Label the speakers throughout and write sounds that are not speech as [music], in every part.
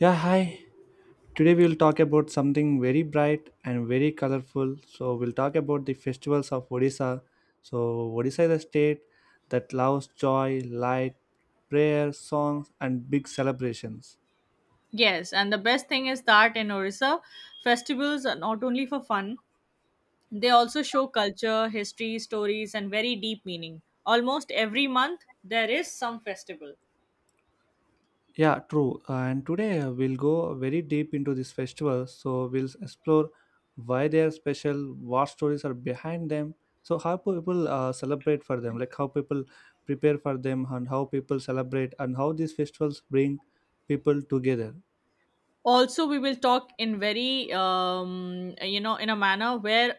Speaker 1: Yeah, hi. Today we'll talk about something very bright and very colorful. So we'll talk about the festivals of Odisha. So Odisha is a state that loves joy, light, prayer, songs, and big celebrations.
Speaker 2: Yes, and the best thing is that in Orissa, festivals are not only for fun, they also show culture, history, stories, and very deep meaning. Almost every month, there is some festival.
Speaker 1: Yeah, true. And today we'll go very deep into this festival. So we'll explore why they are special, what stories are behind them, so how people celebrate for them, like how people prepare for them, and how people celebrate, and how these festivals bring people together.
Speaker 2: Also, we will talk in very, in a manner where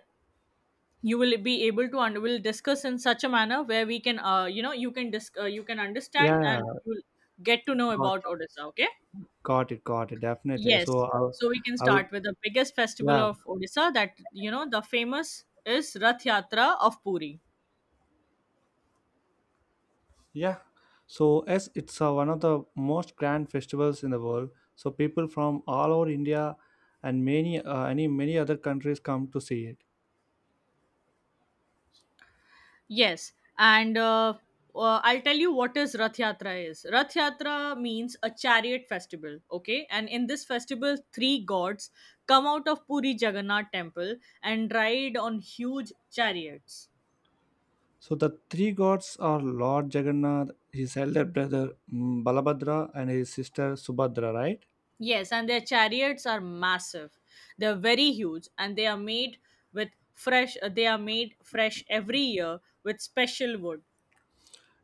Speaker 2: you will be able to and we'll discuss in such a manner where we can, you can you can understand
Speaker 1: Yeah,
Speaker 2: and you'll get to know
Speaker 1: got
Speaker 2: about Odisha. Okay.
Speaker 1: got it, definitely. So
Speaker 2: Yes. So we can
Speaker 1: I would,
Speaker 2: start with the biggest festival
Speaker 1: yeah,
Speaker 2: of Odisha that, you know, the famous is Rath Yatra of Puri.
Speaker 1: yeah. So as it's one of the most grand festivals in the world, so people from all over India and many any many other countries come to see it.
Speaker 2: Yes, and I'll tell you what is. Rath Yatra means a chariot festival, okay? And in this festival, three gods come out of Puri Jagannath temple and ride on huge chariots.
Speaker 1: So the three gods are Lord Jagannath, his elder brother Balabhadra, and his sister Subhadra, right?
Speaker 2: Yes, and their chariots are massive. They're very huge and they are made with fresh they are made fresh every year with special wood.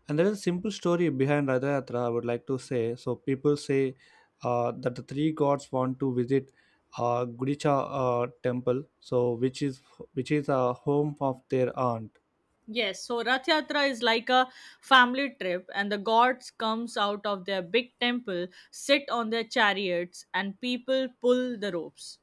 Speaker 1: And there is a simple story behind Rath Yatra, I would like to say. So people say that the three gods want to visit Gudicha temple, so which is a home of their aunt.
Speaker 2: Yes, so Rath Yatra is like a family trip and the gods comes out of their big temple, sit on their chariots and people pull the ropes.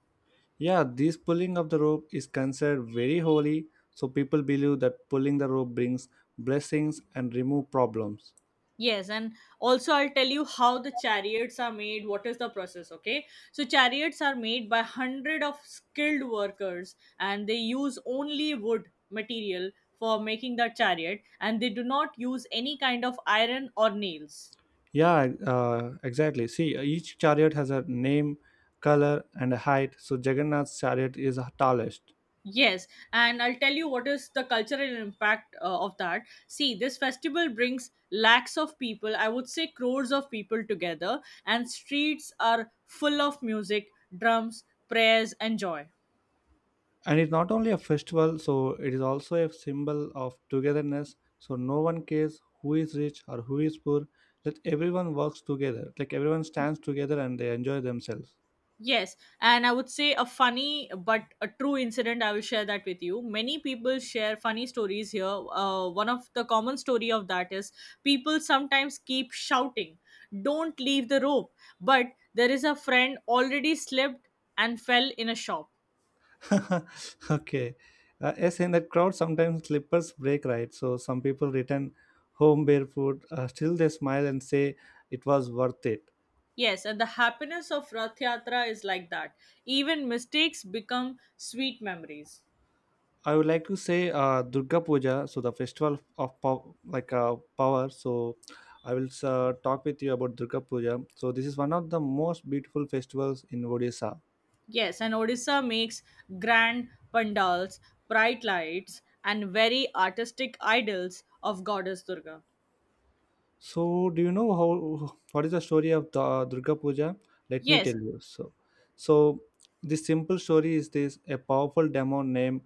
Speaker 1: Yeah, this pulling of the rope is considered very holy, so people believe that pulling the rope brings blessings and remove problems.
Speaker 2: Yes, and also I'll tell you how the chariots are made. What is the process? Okay, so chariots are made by hundred of skilled workers, and they use only wood material for making the chariot, and they do not use any kind of iron or nails.
Speaker 1: Yeah, exactly. See, each chariot has a name, color, and a height. So Jagannath's chariot is the tallest,
Speaker 2: Yes, and I'll tell you what is the cultural impact of that. See, this festival brings lakhs of people, I would say crores of people together, and streets are full of music, drums, prayers, and joy.
Speaker 1: and it's not only a festival, so it is also a symbol of togetherness. So no one cares who is rich or who is poor. Let everyone works together. Like everyone stands together and they enjoy themselves.
Speaker 2: Yes, and I would say a funny but a true incident. I will share that with you. Many people share funny stories here. One of the common story of that is people sometimes keep shouting, "Don't leave the rope!" But there is a friend already slipped and fell in a shop.
Speaker 1: [laughs] Okay. Yes, in the crowd, sometimes slippers break, right? So some people return home barefoot. Still, they smile and say it was worth it.
Speaker 2: Yes, and the happiness of Rath Yatra is like that. Even mistakes become sweet memories.
Speaker 1: I would like to say Durga Puja, so the festival of power. So I will talk with you about Durga Puja. So this is one of the most beautiful festivals in Odisha.
Speaker 2: Yes, and Odisha makes grand pandals, bright lights, and very artistic idols of goddess Durga.
Speaker 1: So, do you know how what is the story of the Durga Puja? Let me tell
Speaker 2: Yes,
Speaker 1: you. So this simple story is this: a powerful demon named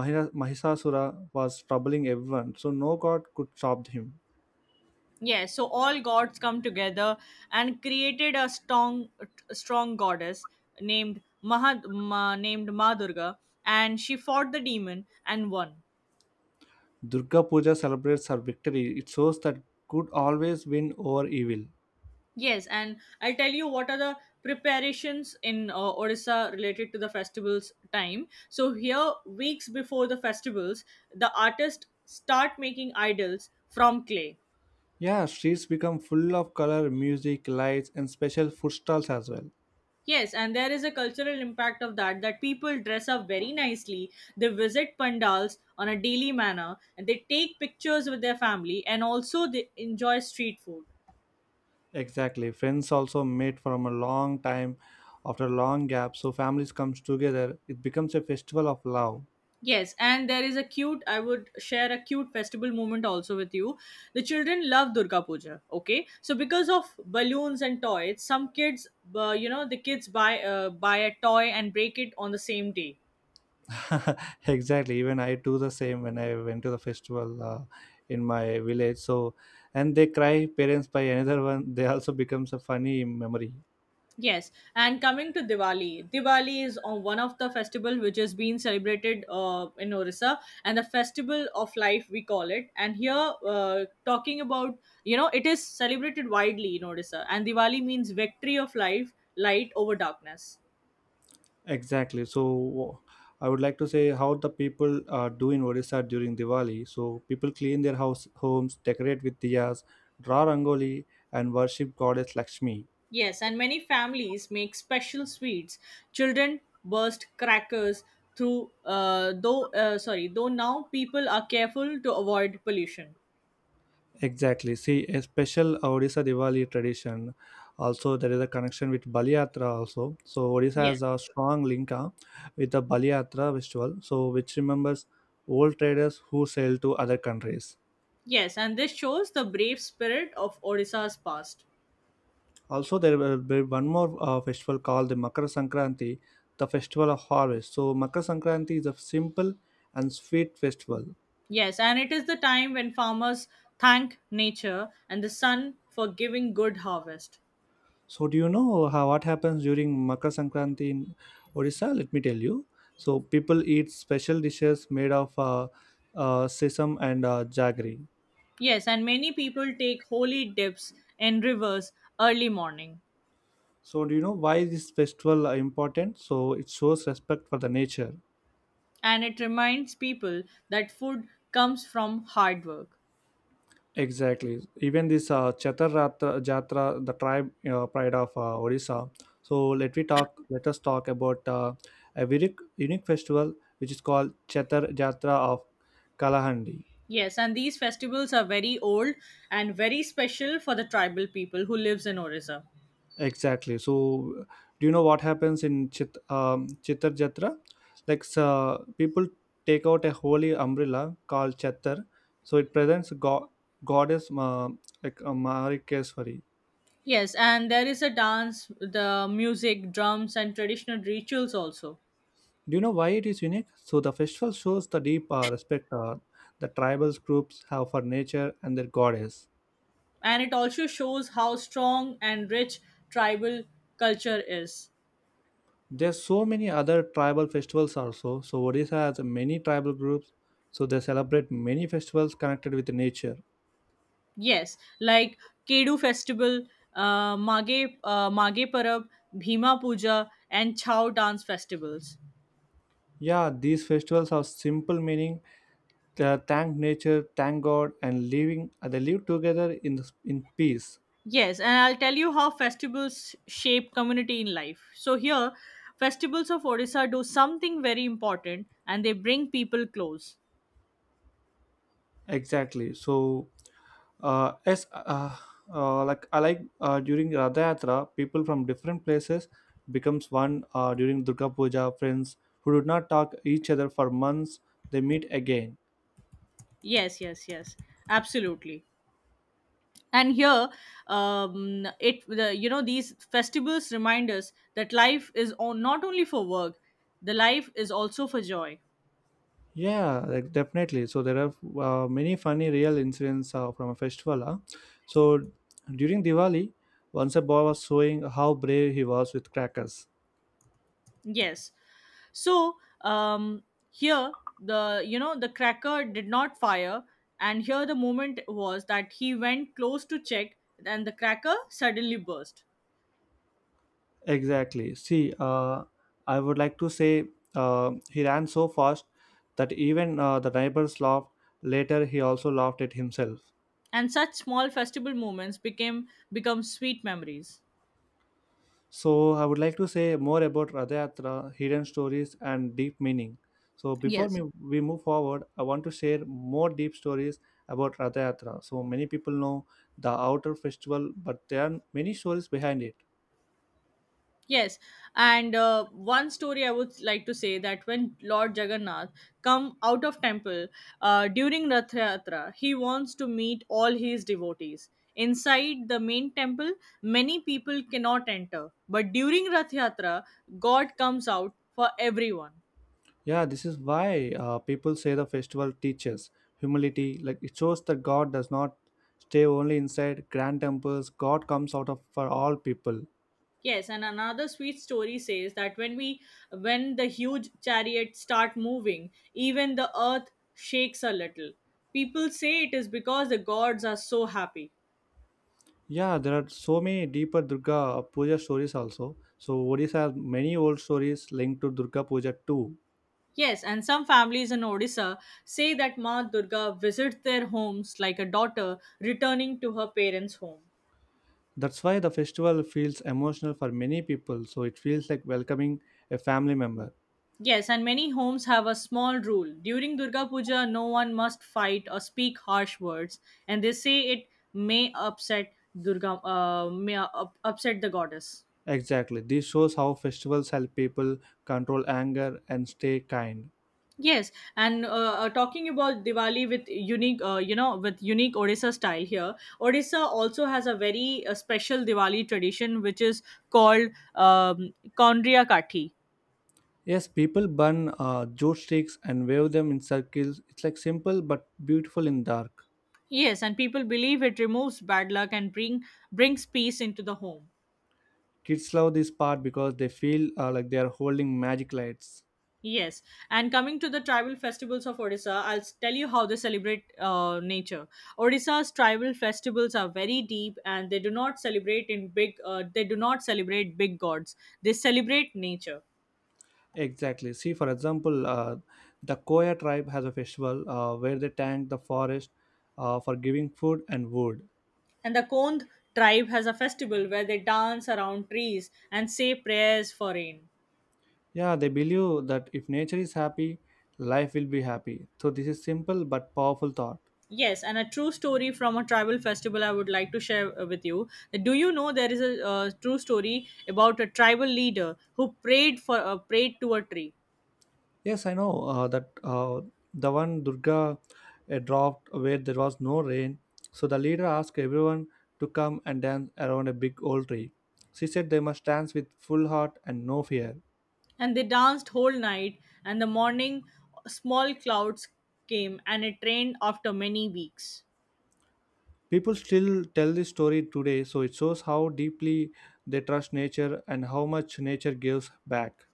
Speaker 1: Mahisasura was troubling everyone, so no god could stop him.
Speaker 2: yes. So all gods come together and created a strong goddess named Ma Durga, and she fought the demon and won.
Speaker 1: Durga Puja celebrates her victory. It shows that good always win over evil.
Speaker 2: Yes, and I'll tell you what are the preparations in Odisha related to the festival's time. So here, weeks before the festivals, the artists start making idols from clay.
Speaker 1: Yeah, streets become full of color, music, lights, and special food stalls as well.
Speaker 2: Yes, and there is a cultural impact of that that people dress up very nicely. They visit pandals on a daily manner and they take pictures with their family and also they enjoy street food.
Speaker 1: Exactly. Friends also meet from a long time after a long gap. So families comes together. It becomes a festival of love.
Speaker 2: Yes, and there is a cute, I would share a cute festival moment also with you. The children love Durga Puja, okay? So because of balloons and toys, some kids, the kids buy a toy and break it on the same day.
Speaker 1: [laughs] Exactly. Even I do the same when I went to the festival in my village. So and they cry parents by another one. They also becomes a funny memory.
Speaker 2: Yes, and coming to Diwali, Diwali is on one of the festival which is being celebrated in Orissa, and the festival of life we call it. And here, talking about you know, it is celebrated widely in Orissa, and Diwali means victory of life, light over darkness.
Speaker 1: Exactly. So I would like to say how the people do in Odisha during Diwali. So people clean their house homes, decorate with diyas, draw rangoli, and worship goddess Lakshmi.
Speaker 2: Yes, and many families make special sweets. Children burst crackers through though sorry though now people are careful to avoid pollution.
Speaker 1: Exactly. See, a special Odisha Diwali tradition. Also, there is a connection with Bali Yatra also. So, Odisha
Speaker 2: Yes.
Speaker 1: has a strong link with the Bali Yatra festival, so which remembers old traders who sailed to other countries.
Speaker 2: Yes, and this shows the brave spirit of Odisha's past.
Speaker 1: Also, there will be one more festival called the Makar Sankranti, the festival of harvest. So, Makar Sankranti is a simple and sweet festival.
Speaker 2: Yes, and it is the time when farmers thank nature and the sun for giving good harvest.
Speaker 1: So do you know how what happens during Makar Sankranti in Odisha? Let me tell you. So people eat special dishes made of sesame and jaggery.
Speaker 2: Yes, and many people take holy dips in rivers early morning,
Speaker 1: So do you know why this festival are important? So it shows respect for the nature.
Speaker 2: and it reminds people that food comes from hard work.
Speaker 1: Exactly. Even this Jatra, the tribe pride of Odisha. So let we talk. Let us talk about a very unique festival which is called Chatur Jatra of Kalahandi.
Speaker 2: Yes, and these festivals are very old and very special for the tribal people who lives in Orissa.
Speaker 1: Exactly. So, do you know what happens in Chitar Jatra? Like, people take out a holy umbrella called Chatar. So, it presents goddess Marikeswari.
Speaker 2: Yes, and there is a dance, the music, drums, and traditional rituals also.
Speaker 1: Do you know why it is unique? So, the festival shows the deep respect the tribal groups have for nature and their goddess.
Speaker 2: And it also shows how strong and rich tribal culture is.
Speaker 1: There's so many other tribal festivals also. So, Odisha has many tribal groups. So, they celebrate many festivals connected with nature.
Speaker 2: Yes, like Kedu festival, Mage Parab, Bhima Puja, and Chao dance festivals.
Speaker 1: Yeah, these festivals have simple meaning. Thank nature, thank God, and living. Uh, they live together in peace.
Speaker 2: Yes, and I'll tell you how festivals shape community in life. So here, festivals of Odisha do something very important and they bring people close.
Speaker 1: Exactly. So, as like I like During Radha Yatra, people from different places becomes one. During Durga Puja, friends who did not talk each other for months, they meet again.
Speaker 2: Yes, yes, yes. Absolutely. And here, it the, you know these festivals remind us that life is on, not only for work, the life is also for joy.
Speaker 1: Yeah, like definitely. So there are many funny real incidents from a festival. Huh? So during Diwali, once a boy was showing how brave he was with crackers.
Speaker 2: Yes. So, um, here the, you know, the cracker did not fire, and here the moment was that he went close to check and the cracker suddenly burst,
Speaker 1: Exactly. See, I would like to say he ran so fast that even the neighbors laughed. Later, he also laughed at himself.
Speaker 2: and such small festival moments became become sweet memories.
Speaker 1: So, I would like to say more about Radha Yatra, hidden stories, and deep meaning. So, before
Speaker 2: Yes.
Speaker 1: me, we move forward, I want to share more deep stories about Radha Yatra. So, many people know the outer festival, but there are many stories behind it.
Speaker 2: Yes, and one story I would like to say that when Lord Jagannath come out of temple during Rath Yatra, he wants to meet all his devotees. Inside the main temple, many people cannot enter, but during Rath Yatra, God comes out for everyone.
Speaker 1: Yeah, this is why people say the festival teaches humility. Like, it shows that God does not stay only inside grand temples, God comes out of for all people.
Speaker 2: Yes, and another sweet story says that when the huge chariot start moving, even the earth shakes a little. People say it is because the gods are so happy.
Speaker 1: Yeah, there are so many deeper Durga Puja stories also. So Odisha has many old stories linked to Durga Puja too.
Speaker 2: Yes, and some families in Odisha say that Ma Durga visits their homes like a daughter returning to her parents' home.
Speaker 1: That's why the festival feels emotional for many people. So it feels like welcoming a family member.
Speaker 2: Yes, and many homes have a small rule. During Durga Puja, no one must fight or speak harsh words, and they say it may upset Durga, upset the goddess.
Speaker 1: Exactly. This shows how festivals help people control anger and stay kind.
Speaker 2: Yes, and talking about Diwali with unique Odisha style here. Odisha also has a very special Diwali tradition, which is called Kondria Kathi.
Speaker 1: Yes, people burn jute sticks and wave them in circles. It's like simple but beautiful in dark.
Speaker 2: Yes, and people believe it removes bad luck and brings peace into the home.
Speaker 1: Kids love this part because they feel like they are holding magic lights.
Speaker 2: Yes, and coming to the tribal festivals of Odisha, tell you how they celebrate nature. Odisha's tribal festivals are very deep, and they do not celebrate in big. They do not celebrate big gods. They celebrate nature.
Speaker 1: Exactly. See, for example, the Koya tribe has a festival where they thank the forest for giving food and wood.
Speaker 2: And the Kond tribe has a festival where they dance around trees and say prayers for rain.
Speaker 1: Yeah, they believe that if nature is happy, life will be happy. So this is simple but powerful thought.
Speaker 2: Yes, and a true story from a tribal festival I would like to share with you. Do you know there is a true story about a tribal leader who prayed for prayed to a tree?
Speaker 1: Yes, I know that the one Durga dropped where there was no rain. So the leader asked everyone to come and dance around a big old tree. She said they must dance with full heart and no fear.
Speaker 2: And they danced whole night and the morning small clouds came and it rained after many weeks.
Speaker 1: People still tell this story today, so it shows how deeply they trust nature and how much nature gives back.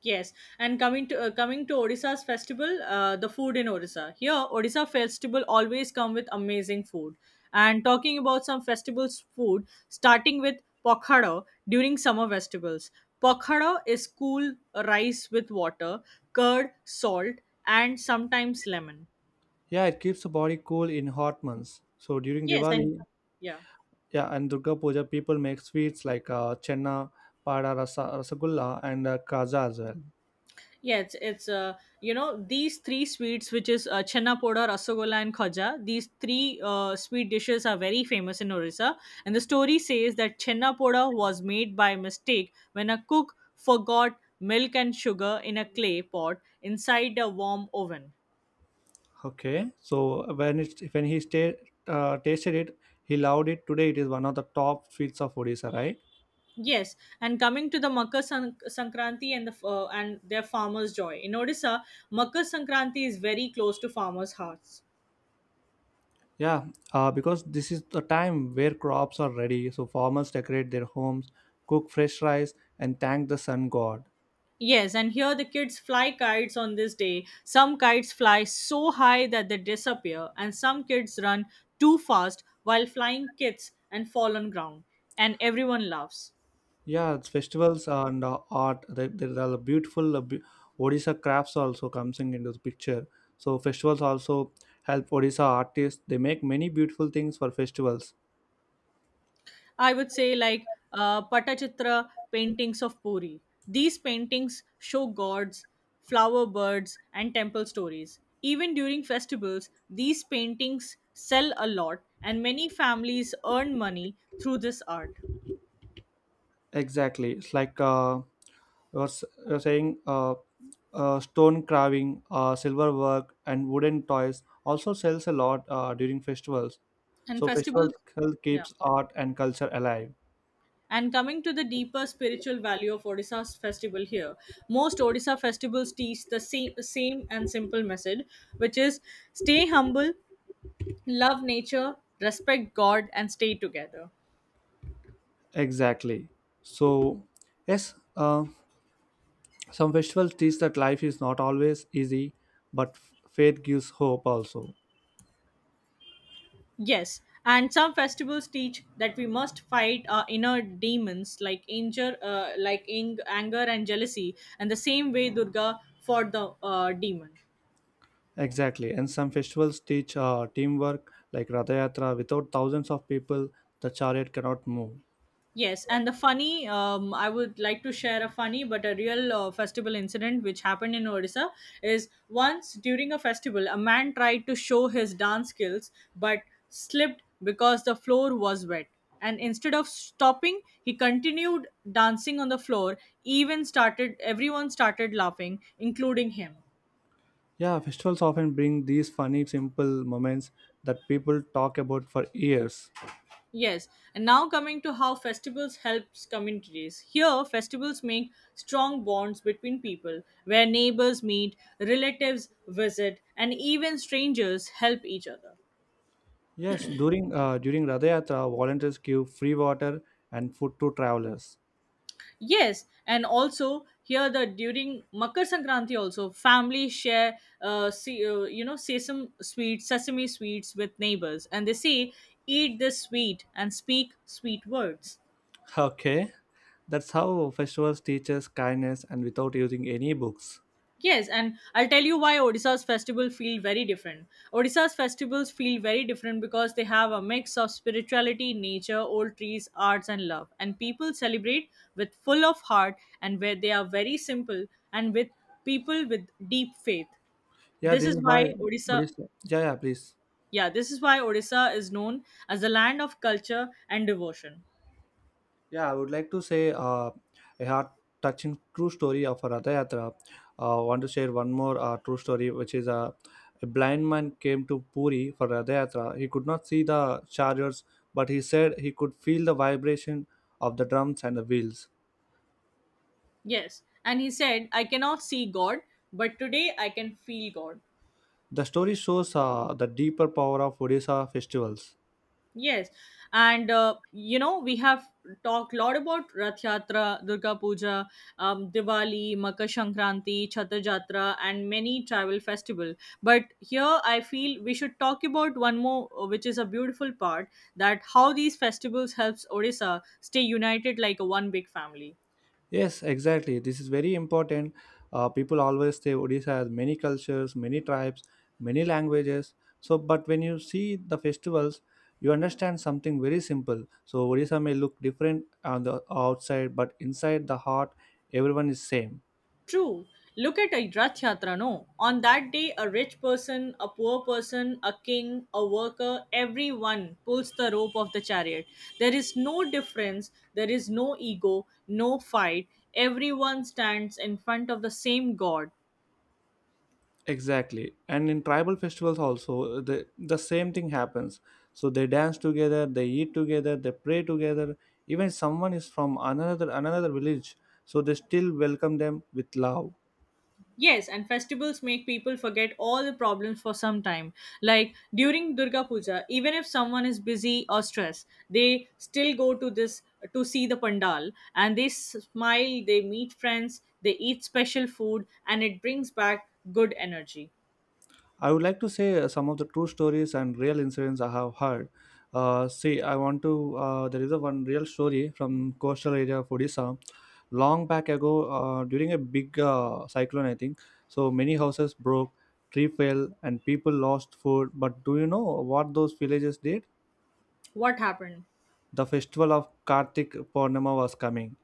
Speaker 2: Yes, and coming to Odisha's festival, the food in Odisha, here Odisha festival always come with amazing food, and talking about some festivals food, starting with pokhara. During summer festivals, pokhara is cool rice with water, curd, salt, and sometimes lemon.
Speaker 1: Yeah, it keeps the body cool in hot months. So during
Speaker 2: Yes, and
Speaker 1: Diwali,
Speaker 2: yeah
Speaker 1: yeah, and Durga Puja, people make sweets like chenna, pada, rasa, rasagulla, and kaza as well.
Speaker 2: yeah, it's these three sweets which is chenna poda, rasagolla, and khaja. These three sweet dishes are very famous in Orissa, and the story says that chenna poda was made by mistake when a cook forgot milk and sugar in a clay pot inside a warm oven.
Speaker 1: Okay, so when it when he sta- tasted it, he loved it. Today, it is one of the top sweets of Odisha, right?
Speaker 2: Yes, and coming to the Sankranti and their farmers' joy in Odisha, Makar Sankranti is very close to farmers' hearts.
Speaker 1: Yeah, because this is the time where crops are ready, so farmers decorate their homes, cook fresh rice, and thank the sun god.
Speaker 2: Yes, and here the kids fly kites on this day. Some kites fly so high that they disappear, and some kids run too fast while flying kites and fall on ground, and everyone laughs.
Speaker 1: Yeah, it's festivals and art. There are beautiful Odisha crafts also comes in into the picture. So festivals also help Odisha artists. They make many beautiful things for festivals.
Speaker 2: I would say like Patachitra paintings of Puri. These paintings show gods, flower birds, and temple stories. Even during festivals, these paintings sell a lot, and many families earn money through this art.
Speaker 1: Exactly. It's like you're saying stone carving, silver work, and wooden toys also sells a lot during festivals.
Speaker 2: And
Speaker 1: So
Speaker 2: festivals,
Speaker 1: festivals still
Speaker 2: yeah.
Speaker 1: keeps art and culture alive.
Speaker 2: And coming to the deeper spiritual value of Odisha's festival here, most Odisha festivals teach the same and simple message, which is stay humble, love nature, respect God, and stay together.
Speaker 1: Exactly. So yes, some festivals teach that life is not always easy, but faith gives hope also.
Speaker 2: Yes, and some festivals teach that we must fight our inner demons like anger, anger and jealousy, and the same way Durga fought the demon.
Speaker 1: Exactly. And some festivals teach teamwork, like Radha Yatra. Without thousands of people, the chariot cannot move.
Speaker 2: Yes, and the funny, I would like to share a funny but a real festival incident which happened in Odisha is once during a festival, a man tried to show his dance skills but slipped because the floor was wet. And instead of stopping, he continued dancing on the floor, everyone started laughing, including him.
Speaker 1: Yeah, festivals often bring these funny, simple moments that people talk about for years.
Speaker 2: Yes, and now coming to how festivals helps communities. Here, festivals make strong bonds between people, where neighbors meet, relatives visit, and even strangers help each other.
Speaker 1: Yes, during Radha Yatra, volunteers give free water and food to travelers.
Speaker 2: Yes, and also here the during Makar Sankranti also families share see, you know sesame sweets with neighbors, and they say eat this sweet and speak sweet words.
Speaker 1: [laughs] Okay, that's how festivals teach us kindness and without using any books.
Speaker 2: Yes, and I'll tell you why Odisha's festival feel very different. Odisha's festivals feel very different because they have a mix of spirituality, nature, old trees, arts, and love. And people celebrate with full of heart and where they are very simple and with people with deep faith.
Speaker 1: Yeah,
Speaker 2: This
Speaker 1: this
Speaker 2: is
Speaker 1: is
Speaker 2: why
Speaker 1: why. What
Speaker 2: Odisha,
Speaker 1: is? Yeah, yeah, please.
Speaker 2: yeah, this is why Odisha is known as the land of culture and devotion.
Speaker 1: Yeah, I would like to say a heart touching true story of a Ratha Yatra. Want to share one more true story, which is a blind man came to Puri for Ratha Yatra. He could not see the chariots, but he said he could feel the vibration of the drums and the wheels.
Speaker 2: Yes, and he said, I cannot see God, but today I can feel God.
Speaker 1: The story shows the deeper power of Odisha festivals.
Speaker 2: Yes, and we have talked a lot about Rath Yatra, Durga Puja, Diwali, Makar Sankranti, Chhatar Jatra, and many tribal festival. But here I feel we should talk about one more, which is a beautiful part that how these festivals helps Odisha stay united like a one big family.
Speaker 1: Yes, exactly. This is very important. People always say Odisha has many cultures, many tribes, many languages. So, but when you see the festivals, you understand something very simple. So, Odisha may look different on the outside, but inside the heart, everyone is same.
Speaker 2: True. Look at a Rath Yatra, no? On that day, a rich person, a poor person, a king, a worker, everyone pulls the rope of the chariot. There is no difference, there is no ego, no fight. Everyone stands in front of the same God.
Speaker 1: Exactly. And in tribal festivals also, the same thing happens. So they dance together, they eat together, they pray together. Even someone is from another village, so they still welcome them with love.
Speaker 2: Yes, and festivals make people forget all the problems for some time. Like during Durga Puja, even if someone is busy or stressed, they still go to this to see the pandal and they smile, they meet friends, they eat special food, and it brings back good energy.
Speaker 1: I would like to say some of the true stories and real incidents I have heard. See, I want to. There is a one real story from coastal area of Odisha. Long back ago, during a big cyclone, I think so. Many houses broke, tree fell, and people lost food. But do you know what those villages did?
Speaker 2: What happened?
Speaker 1: The festival of Kartik Purnima was coming,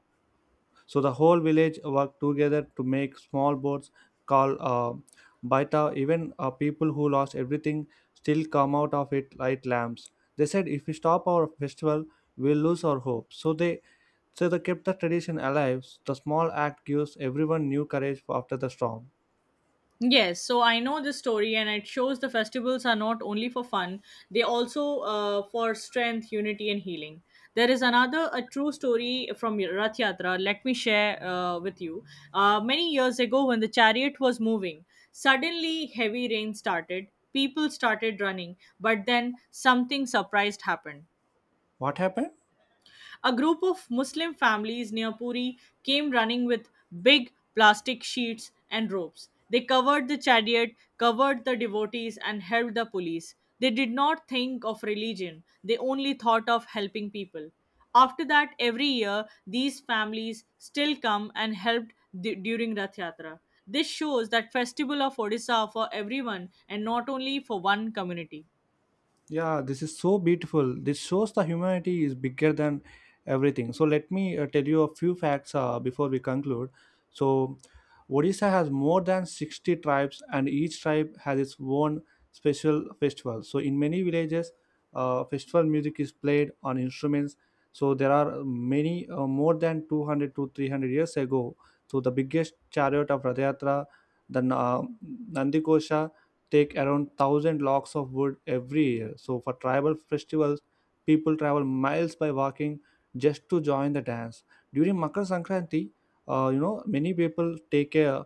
Speaker 1: so the whole village worked together to make small boats called baita. Even people who lost everything still come out of it like lambs. They said, if we stop our festival, we'll lose our hope. So they kept the tradition alive. The small act gives everyone new courage after the storm.
Speaker 2: Yes, so I know this story, and it shows the festivals are not only for fun, they also for strength, unity, and healing. There is another a true story from Rath Yatra. Let me share with you. Many years ago, when the chariot was moving, suddenly heavy rain started. People started running, but then something surprised happened.
Speaker 1: What happened?
Speaker 2: A group of Muslim families near Puri came running with big plastic sheets and ropes. They covered the chariot, covered the devotees, and helped the police. They did not think of religion, they only thought of helping people. After that, every year, these families still come and helped during Rath Yatra. This shows that festival of Odisha for everyone and not only for one community.
Speaker 1: Yeah, this is so beautiful. This shows the humanity is bigger than everything. So let me tell you a few facts before we conclude. So Odisha has more than 60 tribes and each tribe has its own special festival. So in many villages, festival music is played on instruments. So there are many more than 200 to 300 years ago. So the biggest chariot of Radhayatra, the Nandikosha take around 1,000 logs of wood every year, so for tribal festivals people travel miles by walking just to join the dance. During Makar Sankranti, you know many people take a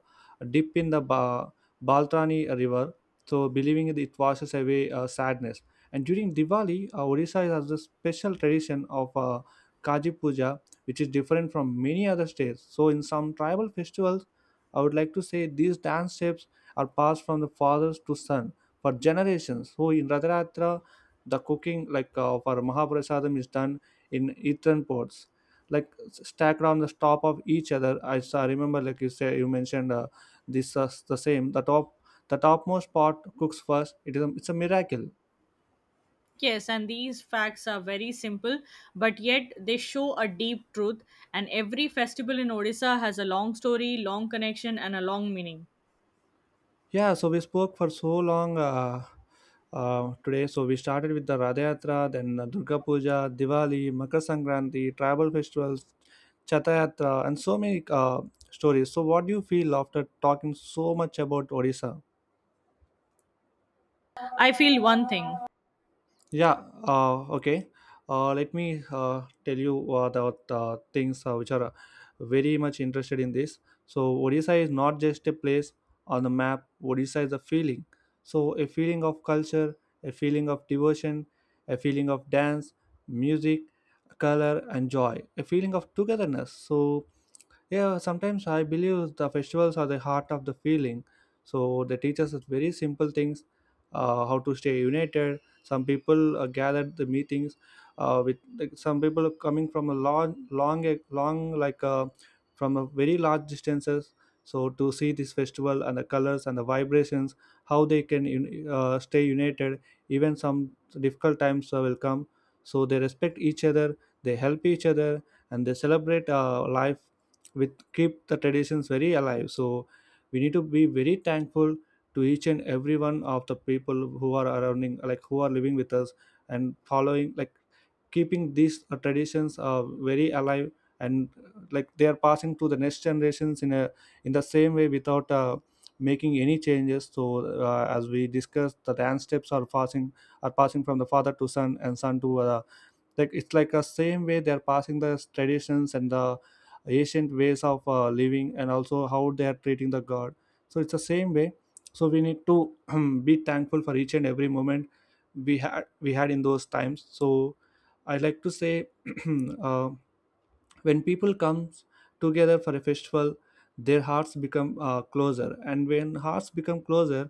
Speaker 1: dip in the Baltani river, so believing that it washes away sadness. And during Diwali, Odisha has a special tradition of Kaji Puja, which is different from many other states. So in some tribal festivals, I would like to say these dance steps are passed from the fathers to son for generations. So in Radharatra, the cooking, like for Mahaprasadam, is done in earthen pots, like stacked on the top of each other. I remember, like you say, you mentioned this the same. The topmost pot cooks first. It's a miracle.
Speaker 2: Yes, and these facts are very simple, but yet they show a deep truth. And every festival in Odisha has a long story, long connection, and a long meaning.
Speaker 1: Yeah, so we spoke for so long today. So we started with the Radhayatra, then Durga Puja, Diwali, Makar Sankranti, tribal festivals, Chatayatra, and so many stories. So, what do you feel after talking so much about Odisha?
Speaker 2: I feel one thing.
Speaker 1: Yeah, okay. Let me tell you about things which are very much interested in this. So, Odisha is not just a place on the map, Odisha is a feeling. So, a feeling of culture, a feeling of devotion, a feeling of dance, music, color, and joy, a feeling of togetherness. So, yeah, sometimes I believe the festivals are the heart of the feeling. So they teach us very simple things, how to stay united. Some people gather the meetings with, like, some people are coming from a long, long, long like from a very large distances. So to see this festival and the colors and the vibrations, how they can stay united. Even some difficult times will come. So they respect each other, they help each other, and they celebrate life with keep the traditions very alive, so we need to be very thankful to each and every one of the people who are surrounding, like who are living with us and following, like keeping these traditions very alive, and like they are passing to the next generations in a in the same way without making any changes. So as we discussed, the dance steps are passing from the father to son and son to like, it's like a same way they're passing the traditions and the ancient ways of living, and also how they are treating the god. So it's the same way, so we need to [clears throat] be thankful for each and every moment we had in those times. So I like to say [clears throat] uh, when people come together for a festival, their hearts become closer, and when hearts become closer,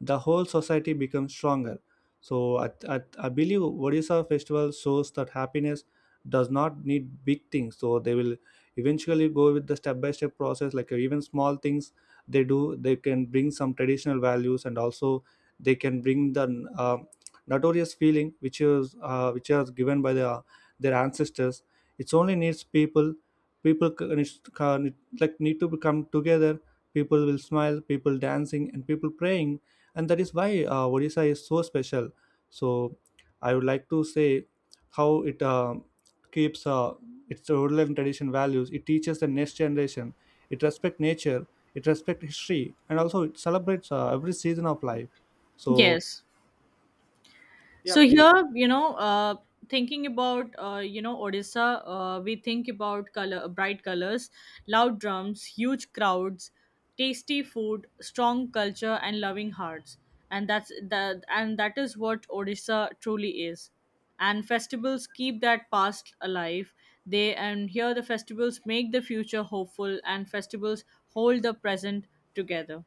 Speaker 1: the whole society becomes stronger. So I believe Odisha festival shows that happiness does not need big things, so they will eventually go with the step by step process, like even small things they do, they can bring some traditional values, and also they can bring the uh, notorious feeling which is given by the, their ancestors. It's only needs people, needs to like need to come together. People will smile, people dancing, and people praying, and that is why Odisha is so special. So I would like to say how it keeps its rural and tradition values. It teaches the next generation, it respects nature, it respects history, and also it celebrates every season of life. So
Speaker 2: Yes.
Speaker 1: yeah,
Speaker 2: So
Speaker 1: please.
Speaker 2: here, thinking about Odisha, we think about color, bright colors, loud drums, huge crowds, tasty food, strong culture, and loving hearts. And that is what Odisha truly is. And festivals keep that past alive. They and Here the festivals make the future hopeful, and festivals hold the present together.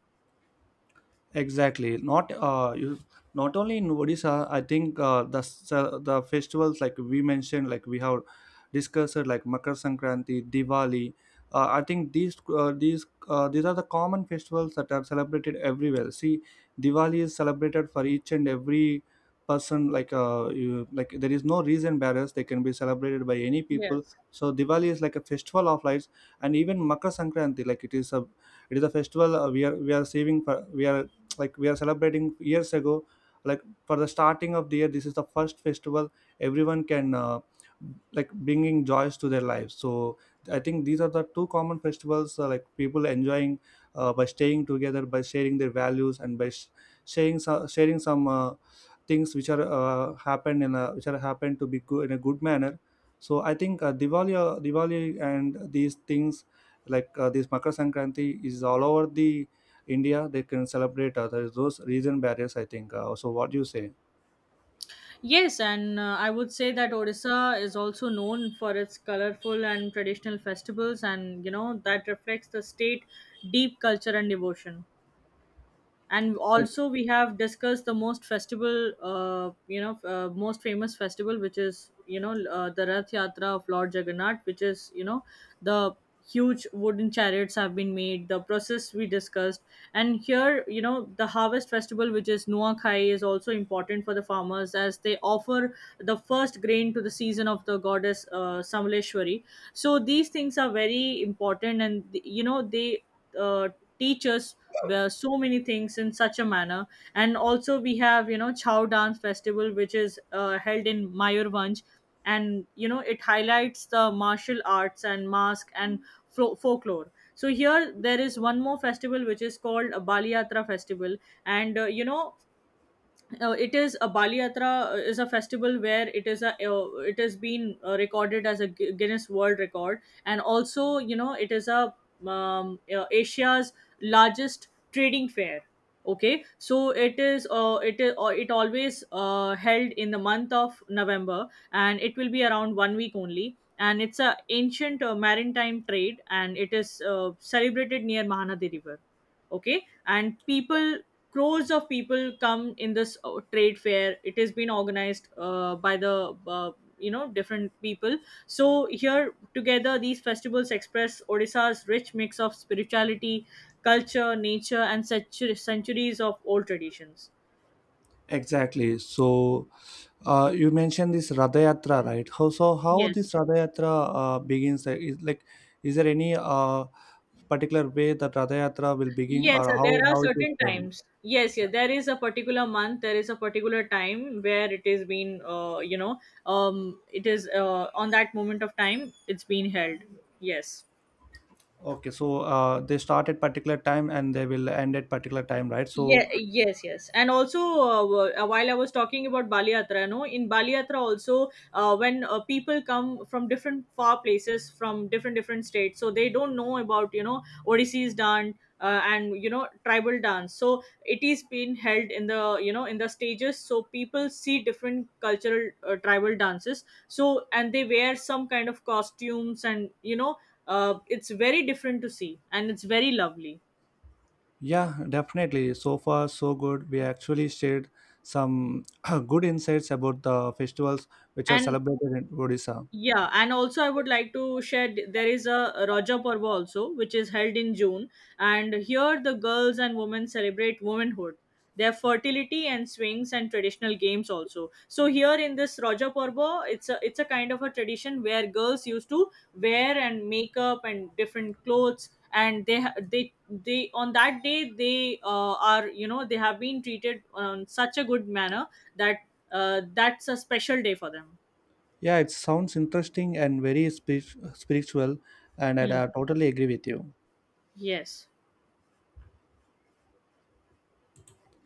Speaker 1: Exactly. Not not only in Odisha. I think the festivals, like we mentioned, like we have discussed, like Makar Sankranti, Diwali. I think these are the common festivals that are celebrated everywhere. See, Diwali is celebrated for each and every person. Like like there is no reason barriers. They can be celebrated by any people.
Speaker 2: Yes.
Speaker 1: So Diwali is like a festival of lights, and even Makar Sankranti, like it is a festival, we are saving for, we are celebrating years ago, like for the starting of the year. This is the first festival everyone can like bringing joys to their lives. So I think these are the two common festivals, like people enjoying by staying together, by sharing their values, and by sharing some, sharing some things which are happen in a which are happen to be good in a good manner. So I think Diwali and these things, like this Makar Sankranti is all over the India, they can celebrate others. Those region barriers, I think. So, what do you say?
Speaker 2: Yes, and I would say that Odisha is also known for its colorful and traditional festivals, and you know that reflects the state deep culture and devotion. And also we have discussed the most festival, most famous festival, which is the Rath Yatra of Lord Jagannath, which is you know the huge wooden chariots have been made, the process we discussed. And here you know the harvest festival, which is Nuakhai, is also important for the farmers as they offer the first grain to the season of the goddess, Samleshwari. So these things are very important, and you know they uh, teach us well, so many things in such a manner. And also we have you know Chow dance festival, which is held in Mayurvanj, and you know it highlights the martial arts and mask and folklore. So here there is one more festival, which is called a Baliyatra festival. And it is a Bali Yatra, is a festival where it is a, it has been, recorded as a Guinness World Record, and also you know it is a Asia's largest trading fair. Okay, so it is it is it always held in the month of November, and it will be around 1 week only. And it's a ancient maritime trade, and it is celebrated near Mahanadi River. Okay, and people, crores of people come in this trade fair. It has been organized by the, different people. So here together these festivals express Odisha's rich mix of spirituality, culture, nature, and such centuries of old traditions.
Speaker 1: Exactly. So, you mentioned this Radha Yatra, right? How
Speaker 2: Yes.
Speaker 1: this Radha Yatra begins? Is like, is there any particular way that Radha Yatra will begin, or
Speaker 2: Yes,
Speaker 1: how
Speaker 2: there are
Speaker 1: how it is
Speaker 2: certain
Speaker 1: end?
Speaker 2: times. Yes, yeah,
Speaker 1: Yeah.
Speaker 2: there is a particular month, there is a particular time where it is been, it is on that moment of time, it's been held. Yes.
Speaker 1: Okay, so they start at particular time and they will end at particular time, right? So,
Speaker 2: Yeah, yes, yes. And also, while I was talking about Bali Yatra, no, in Bali Yatra also, when people come from different far places, from different states, so they don't know about you know Odissee's dance and you know tribal dance. So it is being held in the you know in the stages, so people see different cultural tribal dances. So and they wear some kind of costumes, and it's very different to see, and it's very lovely.
Speaker 1: yeah, definitely. So far, so good. We actually shared some [clears throat] good insights about the festivals which are
Speaker 2: And
Speaker 1: celebrated in Odisha.
Speaker 2: yeah, and also I would like to share there is a Raja Parva also, which is held in June, and here the girls and women celebrate womanhood, their fertility and swings and traditional games also. So here in this Raja Parva, it's a kind of a tradition where girls used to wear and makeup and different clothes, and they on that day they are you know they have been treated on such a good manner that that's a special day for them.
Speaker 1: Yeah, it sounds interesting and very spiritual, and I
Speaker 2: Hmm.
Speaker 1: totally agree with you.
Speaker 2: Yes.